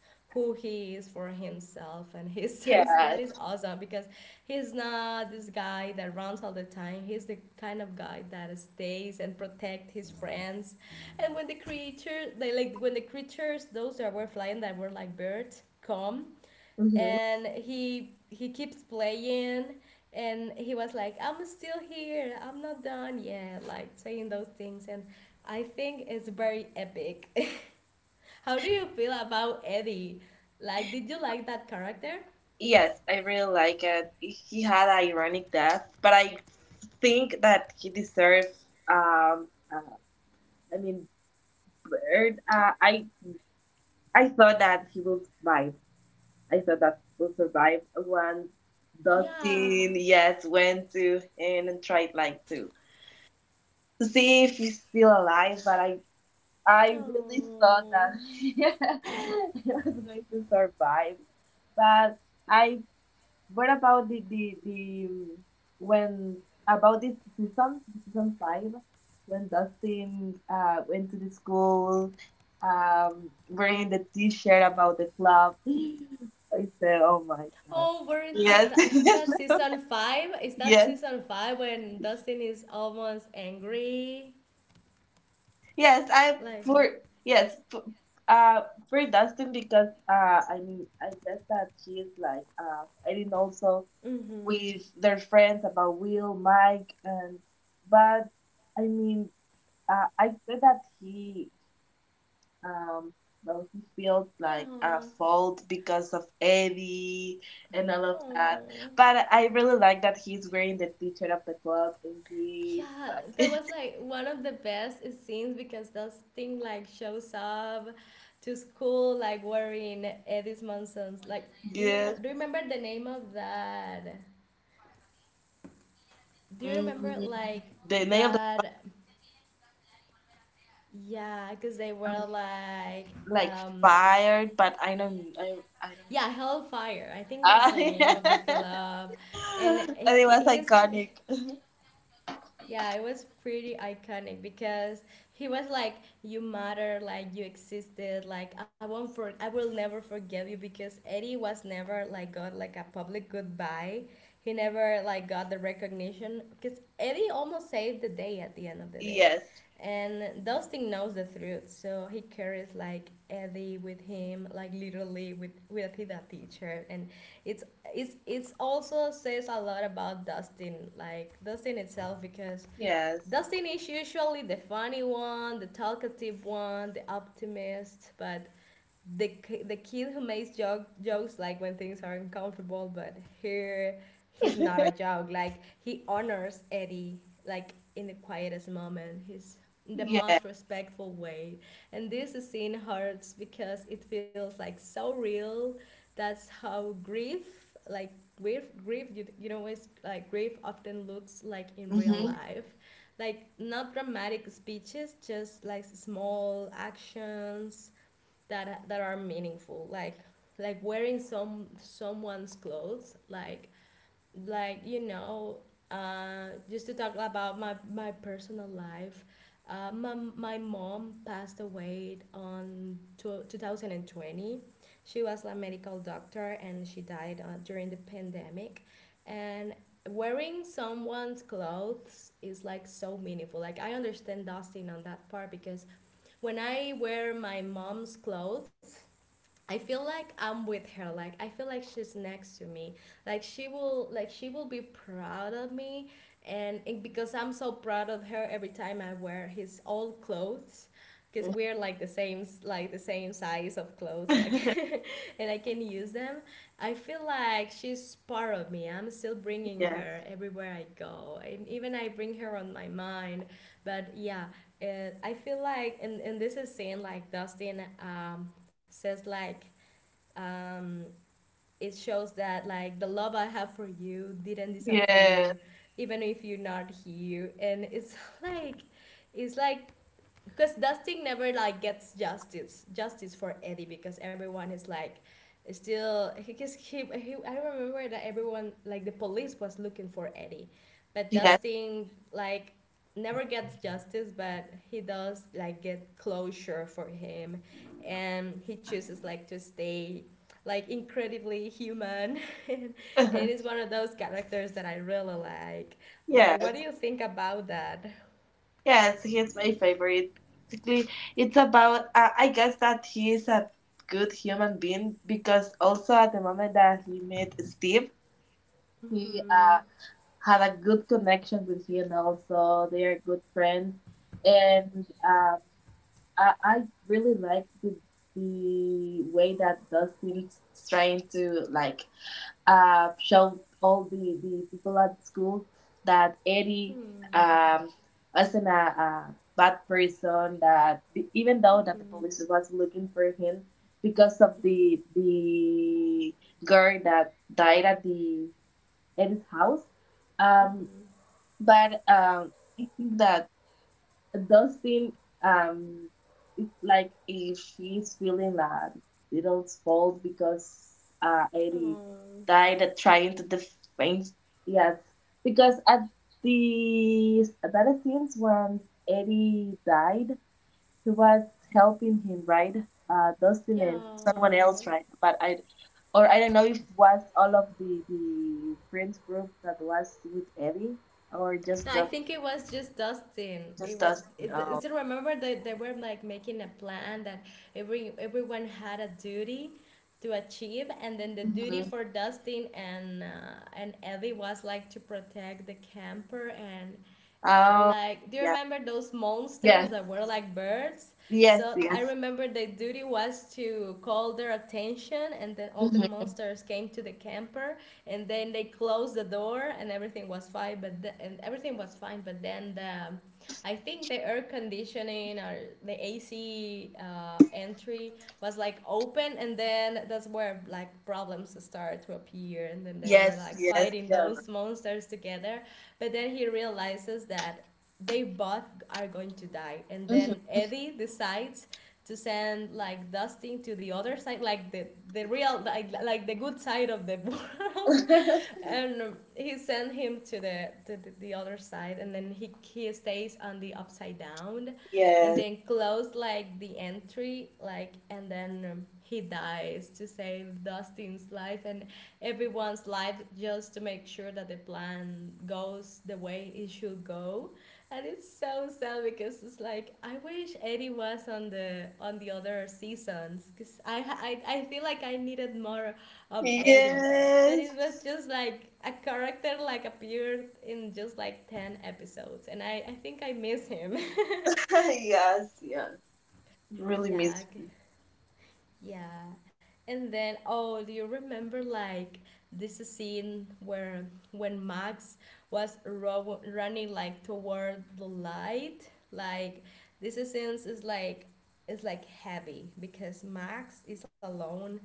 [SPEAKER 1] who he is for himself, and he <laughs> says that is
[SPEAKER 2] Yes.
[SPEAKER 1] awesome, because he's not this guy that runs all the time, he's the kind of guy that stays and protect his friends. And when the creature they like when the creatures those that were flying that were like birds come,
[SPEAKER 2] Hmm.
[SPEAKER 1] and he keeps playing, and he was like, I'm still here, I'm not done yet, like saying those things. And I think it's very epic. <laughs> How do you feel about Eddie? Like did you like that character?
[SPEAKER 2] Yes, I really like it. He had an ironic death, but I think that he deserves. Uh, I mean, bird. I thought that he will survive. I thought that he will survive when
[SPEAKER 1] Yeah,
[SPEAKER 2] Dustin, yes, went to him and tried like to see if he's still alive. But I really thought
[SPEAKER 1] no,
[SPEAKER 2] that <laughs> he was going to survive, but I. What about the when about this season season 5 when Dustin went to the school wearing the T-shirt about the club? <gasps> <laughs> I said, oh my god.
[SPEAKER 1] oh we're in
[SPEAKER 2] Yes,
[SPEAKER 1] I
[SPEAKER 2] <laughs>
[SPEAKER 1] think that's season five, is that
[SPEAKER 2] yes,
[SPEAKER 1] season five when Dustin is almost angry?
[SPEAKER 2] yes. I
[SPEAKER 1] Like,
[SPEAKER 2] for yes uh for Dustin because I mean I guess that he is like fighting also
[SPEAKER 1] mm-hmm.
[SPEAKER 2] with their friends about Will, Mike, and but I mean, I feel that he um well he feels like a
[SPEAKER 1] Yeah,
[SPEAKER 2] fault because of Eddie and all of that.
[SPEAKER 1] oh
[SPEAKER 2] But I really like that he's wearing the Teacher of the Clock and he's
[SPEAKER 1] yeah, that
[SPEAKER 2] like
[SPEAKER 1] was like one of the best scenes, because this thing like shows up to school like wearing Eddie's Monsons. Like,
[SPEAKER 2] <laughs>
[SPEAKER 1] do you know,
[SPEAKER 2] good.
[SPEAKER 1] do you remember the name of that? Do you remember
[SPEAKER 2] Mm,
[SPEAKER 1] like
[SPEAKER 2] the name of the
[SPEAKER 1] that? Yeah, because they
[SPEAKER 2] um,
[SPEAKER 1] were like,
[SPEAKER 2] like
[SPEAKER 1] um,
[SPEAKER 2] fired, but I don't
[SPEAKER 1] yeah, Hellfire. I think that's the name of the
[SPEAKER 2] I <laughs>
[SPEAKER 1] club, and he,
[SPEAKER 2] and it was
[SPEAKER 1] he's
[SPEAKER 2] iconic. <laughs>
[SPEAKER 1] yeah, it was pretty iconic, because he was like, "You matter, like you existed, like I won't I will never forgive you." Because Eddie was never like got like a public goodbye. He never like got the recognition, because Eddie almost saved the day at the end of the day,
[SPEAKER 2] Yes.
[SPEAKER 1] and Dustin knows the truth, so he carries like Eddie with him, like literally with his teacher, and it's it's also says a lot about Dustin, like Dustin itself, because
[SPEAKER 2] Yes.
[SPEAKER 1] Dustin is usually the funny one, the talkative one, the optimist, but the the kid who makes jokes like when things are uncomfortable, but here he's not a
[SPEAKER 2] <laughs>
[SPEAKER 1] joke. Like he honors Eddie like in the quietest moment. He's in the
[SPEAKER 2] Yeah.
[SPEAKER 1] most respectful way, and this scene hurts because it feels like so real. That's how grief, like, grief is like grief often looks like in real
[SPEAKER 2] Hmm.
[SPEAKER 1] life, like not dramatic speeches, just like small actions that are meaningful, like wearing someone's clothes, like just to talk about my personal life. My mom passed away on tw 2020. She was a medical doctor and she died during the pandemic, and wearing someone's clothes is like so meaningful. Like I understand Dustin on that part, because when I wear my mom's clothes I feel like I'm with her. Like I feel like she's next to me. Like she will, like she will be proud of me, and because I'm so proud of her every time I wear his old clothes, because we're like the same, like the same size of clothes, like
[SPEAKER 2] <laughs>
[SPEAKER 1] <laughs> and I can use them. I feel like she's part of me. I'm still bringing
[SPEAKER 2] Yes.
[SPEAKER 1] her everywhere I go. And even I bring her on my mind. But yeah, it, I feel like, and this is saying like Dustin says like, um, it shows that like the love I have for you didn't
[SPEAKER 2] Yes.
[SPEAKER 1] disappear, even if you're not here, and it's <laughs> like, it's like because Dustin never like gets justice for Eddie, because everyone is like still he just he I remember that everyone, like the police was looking for Eddie, but
[SPEAKER 2] Yes.
[SPEAKER 1] Dustin like never gets justice, but he does like get closure for him, and he chooses like to stay like incredibly human. <laughs> And it is
[SPEAKER 2] <laughs>
[SPEAKER 1] one of those characters that I really like what do
[SPEAKER 2] Yes.
[SPEAKER 1] you think about that?
[SPEAKER 2] Yes. He's my favorite. Basically, it's about. I guess that he is a good human being because also at the moment that he met Steve, he
[SPEAKER 1] Hmm.
[SPEAKER 2] had a good connection with him. Also, they are good friends, and I really like the way that Dustin's trying to like showed all the people at school that Eddie
[SPEAKER 1] Hmm.
[SPEAKER 2] um, wasn't a bad person, that even though that the
[SPEAKER 1] Mhm,
[SPEAKER 2] police was looking for him because of the girl that died at the Eddie's house. Um,
[SPEAKER 1] mhm.
[SPEAKER 2] but I think that Dustin, um, it's like if she's feeling a little fault because Eddie
[SPEAKER 1] Oh,
[SPEAKER 2] died at trying to defend. Yes, because at the that scenes once Eddie died, he was helping him, right? Dustin and someone
[SPEAKER 1] yeah.
[SPEAKER 2] else, right? But I, or I don't know if was all of the friends group that was with Eddie or
[SPEAKER 1] No,
[SPEAKER 2] just
[SPEAKER 1] I think it was just Dustin. It
[SPEAKER 2] just
[SPEAKER 1] was.
[SPEAKER 2] Dustin.
[SPEAKER 1] It, is it, do you remember that they were like making a plan that everyone had a duty to achieve, and then the duty
[SPEAKER 2] Um,
[SPEAKER 1] for Dustin and Ellie was like to protect the camper, and
[SPEAKER 2] Oh,
[SPEAKER 1] like do you
[SPEAKER 2] yeah.
[SPEAKER 1] remember those monsters
[SPEAKER 2] Yes.
[SPEAKER 1] that were like birds?
[SPEAKER 2] Yes,
[SPEAKER 1] So I
[SPEAKER 2] yes.
[SPEAKER 1] remember the duty was to call their attention, and then all the
[SPEAKER 2] Hmm.
[SPEAKER 1] monsters came to the camper, and then they closed the door and everything was fine, but the, and everything was fine, but then the, I think the air conditioning or the AC entry was like open, and then that's where like problems started to appear, and then they were
[SPEAKER 2] Yes,
[SPEAKER 1] like
[SPEAKER 2] yes,
[SPEAKER 1] fighting
[SPEAKER 2] yes.
[SPEAKER 1] those monsters together, but then he realizes that they both are going to die. And then
[SPEAKER 2] Hmm.
[SPEAKER 1] Eddie decides to send like Dustin to the other side, like the real, like the good side of the world.
[SPEAKER 2] <laughs>
[SPEAKER 1] <laughs> And he sent him to the other side. And then he stays on the upside down, and
[SPEAKER 2] Yes.
[SPEAKER 1] then close like the entry, like, and then he dies to save Dustin's life and everyone's life, just to make sure that the plan goes the way it should go. And it's so sad because it's like I wish Eddie was on the other seasons, because I feel like I needed more of Eddie, but it was
[SPEAKER 2] Yes.
[SPEAKER 1] just like a character like appeared in just like 10 episodes, and I think I miss him.
[SPEAKER 2] <laughs> Yes, yes.
[SPEAKER 1] <laughs>
[SPEAKER 2] Really
[SPEAKER 1] Yeah,
[SPEAKER 2] miss.
[SPEAKER 1] yeah. And then, oh, do you remember like this scene where when Max was running like toward the light? Like this scene is like heavy, because Max is alone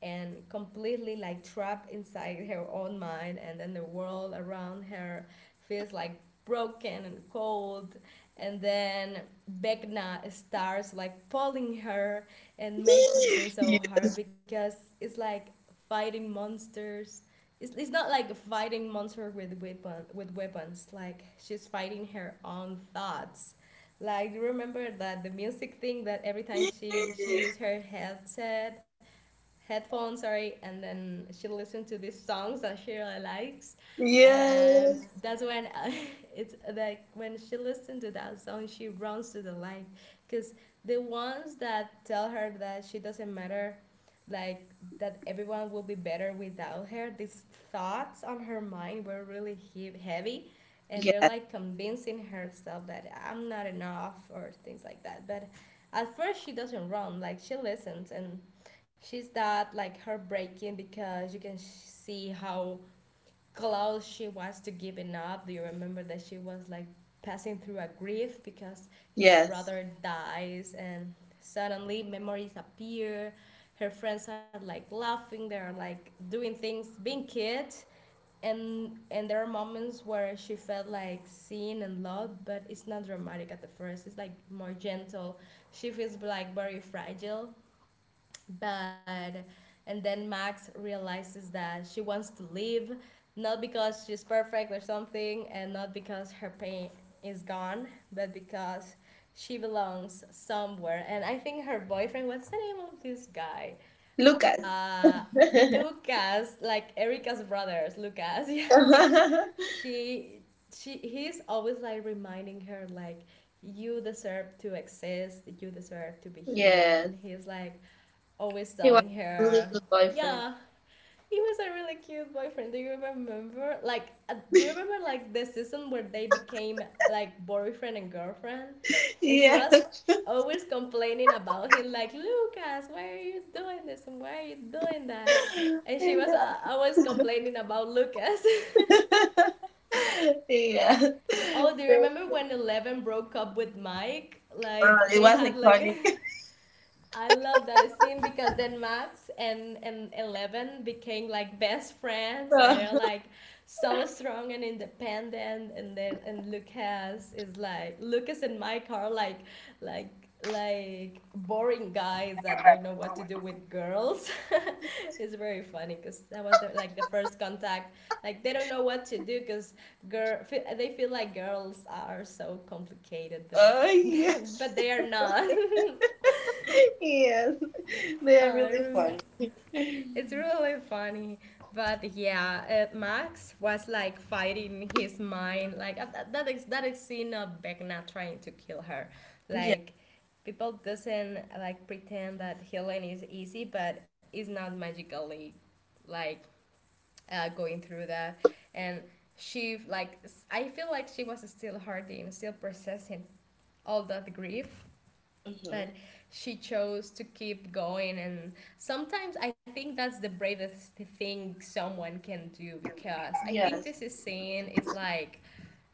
[SPEAKER 1] and completely like trapped inside her own mind, and then the world around her feels like broken and cold, and then Vecna starts like pulling her and makes this scene
[SPEAKER 2] <laughs>
[SPEAKER 1] so
[SPEAKER 2] Yes.
[SPEAKER 1] hard because it's like fighting monsters. It's not like fighting monster with weapon with weapons. Like she's fighting her own thoughts. Like do you remember that the music thing, that every time she used her headset headphones, sorry, and then she listened to these songs that she really likes, and
[SPEAKER 2] Yes.
[SPEAKER 1] that's when <laughs> it's like when she listens to that song she runs to the light, because the ones that tell her that she doesn't matter, like that everyone will be better without her, these thoughts on her mind were really heavy, and they're
[SPEAKER 2] Yes.
[SPEAKER 1] like convincing herself that I'm not enough or things like that. But at first she doesn't run, like she listens, and she's that like heartbreaking, because you can see how close she was to giving up. Do you remember that she was like passing through a grief because his
[SPEAKER 2] Yes.
[SPEAKER 1] brother dies, and suddenly memories appear. Her friends are like laughing, they're like doing things, being kids. And there are moments where she felt like seen and loved, but it's not dramatic at the first. It's like more gentle. She feels like very fragile, but and then Max realizes that she wants to leave, not because she's perfect or something, and not because her pain is gone, but because she belongs somewhere. And I think her boyfriend, what's the name of this guy?
[SPEAKER 2] Lucas.
[SPEAKER 1] Uh,
[SPEAKER 2] <laughs>
[SPEAKER 1] Lucas, like Erica's brothers, Lucas. <laughs> Yeah, she, he's always like reminding her like, you deserve to exist, you deserve to be here,
[SPEAKER 2] Yes.
[SPEAKER 1] and he's like always
[SPEAKER 2] He was
[SPEAKER 1] telling
[SPEAKER 2] a really
[SPEAKER 1] her,
[SPEAKER 2] good boyfriend. <laughs>
[SPEAKER 1] yeah, he was a really cute boyfriend. Do you remember? Like, do you remember like the season where they became like boyfriend and girlfriend, and she was
[SPEAKER 2] Yes.
[SPEAKER 1] always complaining about him, like, Lucas, why are you doing this and why are you doing that?
[SPEAKER 2] <laughs>
[SPEAKER 1] And
[SPEAKER 2] Yeah.
[SPEAKER 1] she was
[SPEAKER 2] <laughs>
[SPEAKER 1] always complaining about Lucas.
[SPEAKER 2] Yeah. <laughs>
[SPEAKER 1] <laughs> Oh, do you remember when Eleven broke up with Mike?
[SPEAKER 2] Well,
[SPEAKER 1] Like
[SPEAKER 2] it
[SPEAKER 1] they
[SPEAKER 2] was
[SPEAKER 1] had like.
[SPEAKER 2] iconic.
[SPEAKER 1] <laughs> I love that scene, because then Max and Eleven became like best friends, and they're
[SPEAKER 2] <laughs>
[SPEAKER 1] like so strong and independent. And then and Lucas is like Lucas and Mike are like like boring guys that don't know what to do with girls. <laughs> It's very funny because that was the, like the first contact. Like they don't know what to do, because girl they feel like girls are so complicated, but
[SPEAKER 2] Oh
[SPEAKER 1] <laughs>
[SPEAKER 2] yes,
[SPEAKER 1] but they are not. <laughs>
[SPEAKER 2] <laughs> yes, they are
[SPEAKER 1] I
[SPEAKER 2] really
[SPEAKER 1] remember
[SPEAKER 2] fun.
[SPEAKER 1] it's really funny. But yeah, Max was like fighting his mind. Like that is that is scene of Vecna trying to kill her.
[SPEAKER 2] Yeah.
[SPEAKER 1] Like people doesn't like pretend that healing is easy, but it's not magically like going through that. And she like I feel like she was still hurting, still processing all that grief,
[SPEAKER 2] Mhm.
[SPEAKER 1] but she chose to keep going. And sometimes I think that's the bravest thing someone can do, because I think
[SPEAKER 2] Yes.
[SPEAKER 1] this is saying is like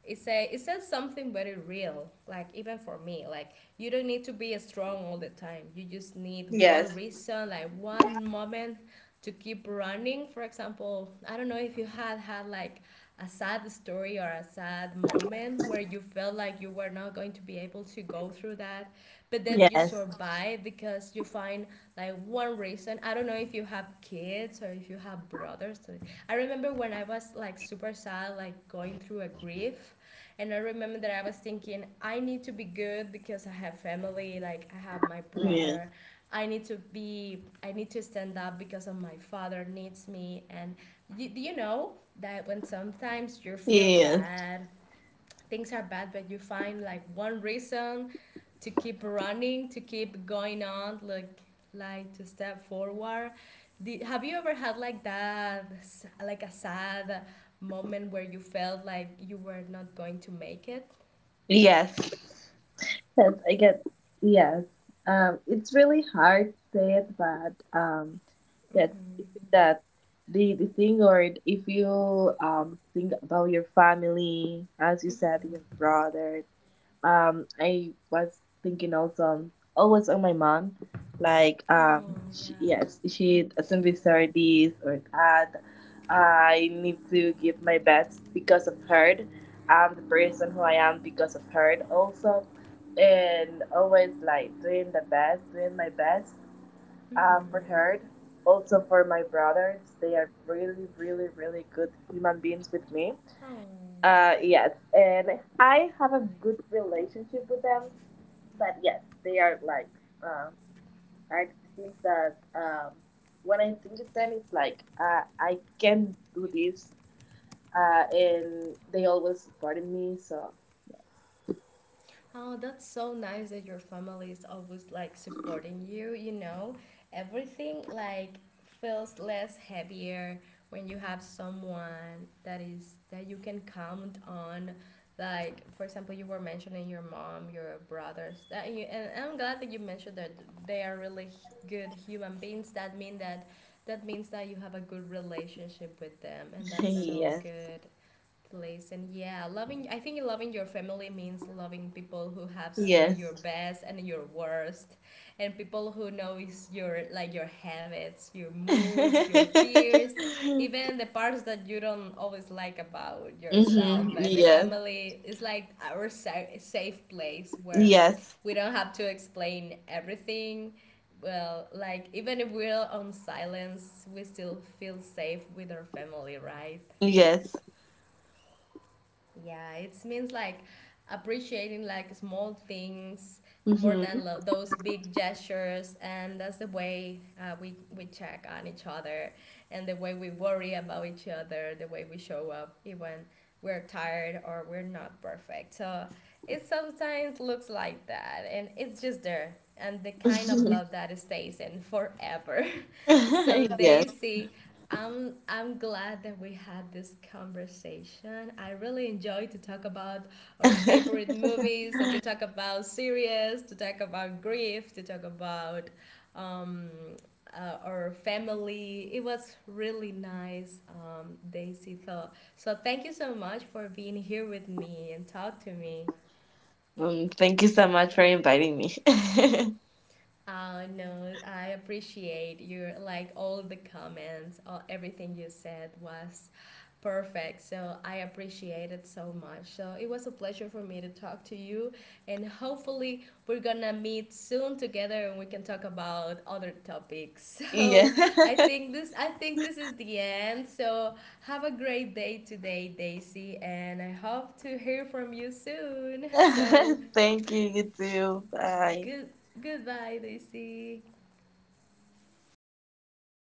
[SPEAKER 1] it say it says something very real. Like even for me, like you don't need to be strong all the time, you just need one
[SPEAKER 2] Yes.
[SPEAKER 1] reason, like one moment, to keep running. For example, I don't know if you had had like a sad story or a sad moment where you felt like you were not going to be able to go through that, but then you
[SPEAKER 2] Yes.
[SPEAKER 1] survive because you find like one reason. I don't know if you have kids, or if you have brothers, or I remember when I was like super sad, like going through a grief, and I remember that I was thinking, I need to be good because I have family, like I have my
[SPEAKER 2] Yes.
[SPEAKER 1] brother. I need to be, I need to stand up because of my father needs me. And you know that when sometimes you feel
[SPEAKER 2] Yes.
[SPEAKER 1] bad, things are bad, but you find like one reason to keep running, to keep going on, like to step forward. Did, have you ever had like that like a sad moment where you felt like you were not going to make it?
[SPEAKER 2] Yes. Yes, I get. Yes, it's really hard to say it, but yes, I
[SPEAKER 1] Mm-hmm.
[SPEAKER 2] think that the thing, or if you think about your family, as you said, your
[SPEAKER 1] Mm-hmm.
[SPEAKER 2] brother. I was thinking also always on my mom, like
[SPEAKER 1] Oh,
[SPEAKER 2] she,
[SPEAKER 1] yeah.
[SPEAKER 2] yes, she doesn't deserve this or that. I need to give my best because of her. I'm the person who I am because of her also and always like doing the best, doing my best for
[SPEAKER 1] Mm-hmm.
[SPEAKER 2] her. Also for my brothers, they are really, really, really good human beings with me.
[SPEAKER 1] oh
[SPEAKER 2] Yes, and I have a good relationship with them. But yes, they are like uh, are things that when I think of them, it's like I can do this, and they always supported me. So yes,
[SPEAKER 1] Oh, that's so nice that your family is always like supporting you, you know. Everything like feels less heavier when you have someone that is that you can count on. Like for example, you were mentioning your mom, your brothers, that you, and I'm glad that you mentioned that they are really good human beings. That means that you have a good relationship with them, and
[SPEAKER 2] <laughs>
[SPEAKER 1] that's so
[SPEAKER 2] yes,
[SPEAKER 1] good place. And yeah, loving, I think loving your family means loving people who have seen your
[SPEAKER 2] yes.
[SPEAKER 1] best and your worst, and people who knows your like your habits, your
[SPEAKER 2] <laughs>
[SPEAKER 1] moods, your fears,
[SPEAKER 2] Mm-hmm.
[SPEAKER 1] even the parts that you don't always like about yourself. But the
[SPEAKER 2] Yes.
[SPEAKER 1] family is like our safe place where
[SPEAKER 2] Yes.
[SPEAKER 1] we don't have to explain everything. Well, like even if we're on silence, we still feel safe with our family, right?
[SPEAKER 2] Yes.
[SPEAKER 1] Yeah, it means like appreciating like small things more
[SPEAKER 2] Mm-hmm.
[SPEAKER 1] than those big gestures. And that's the way we check on each other, and the way we worry about each other, the way we show up even we're tired or we're not perfect. So it sometimes looks like that, and it's just there, and the kind of love that stays in forever. <laughs> So,
[SPEAKER 2] <laughs> Yes.
[SPEAKER 1] Daisy, I'm glad that we had this conversation. I really enjoyed to talk about our favorite
[SPEAKER 2] <laughs>
[SPEAKER 1] movies, and to talk about series, to talk about grief, to talk about um, our family. It was really nice, Daisy. So thank you so much for being here with me and talk to me.
[SPEAKER 2] Thank you so much for inviting me.
[SPEAKER 1] Oh no, I appreciate your like all the comments, all everything you said was perfect. So I appreciate it so much. So it was a pleasure for me to talk to you, and hopefully we're gonna meet soon together, and we can talk about other topics.
[SPEAKER 2] <laughs>
[SPEAKER 1] <laughs>
[SPEAKER 2] Yeah.
[SPEAKER 1] So I think this is the end. So have a great day today, Daisy, and I hope to hear from you soon. <laughs> So
[SPEAKER 2] <laughs> Thank you. You too. Bye.
[SPEAKER 1] good goodbye, Daisy.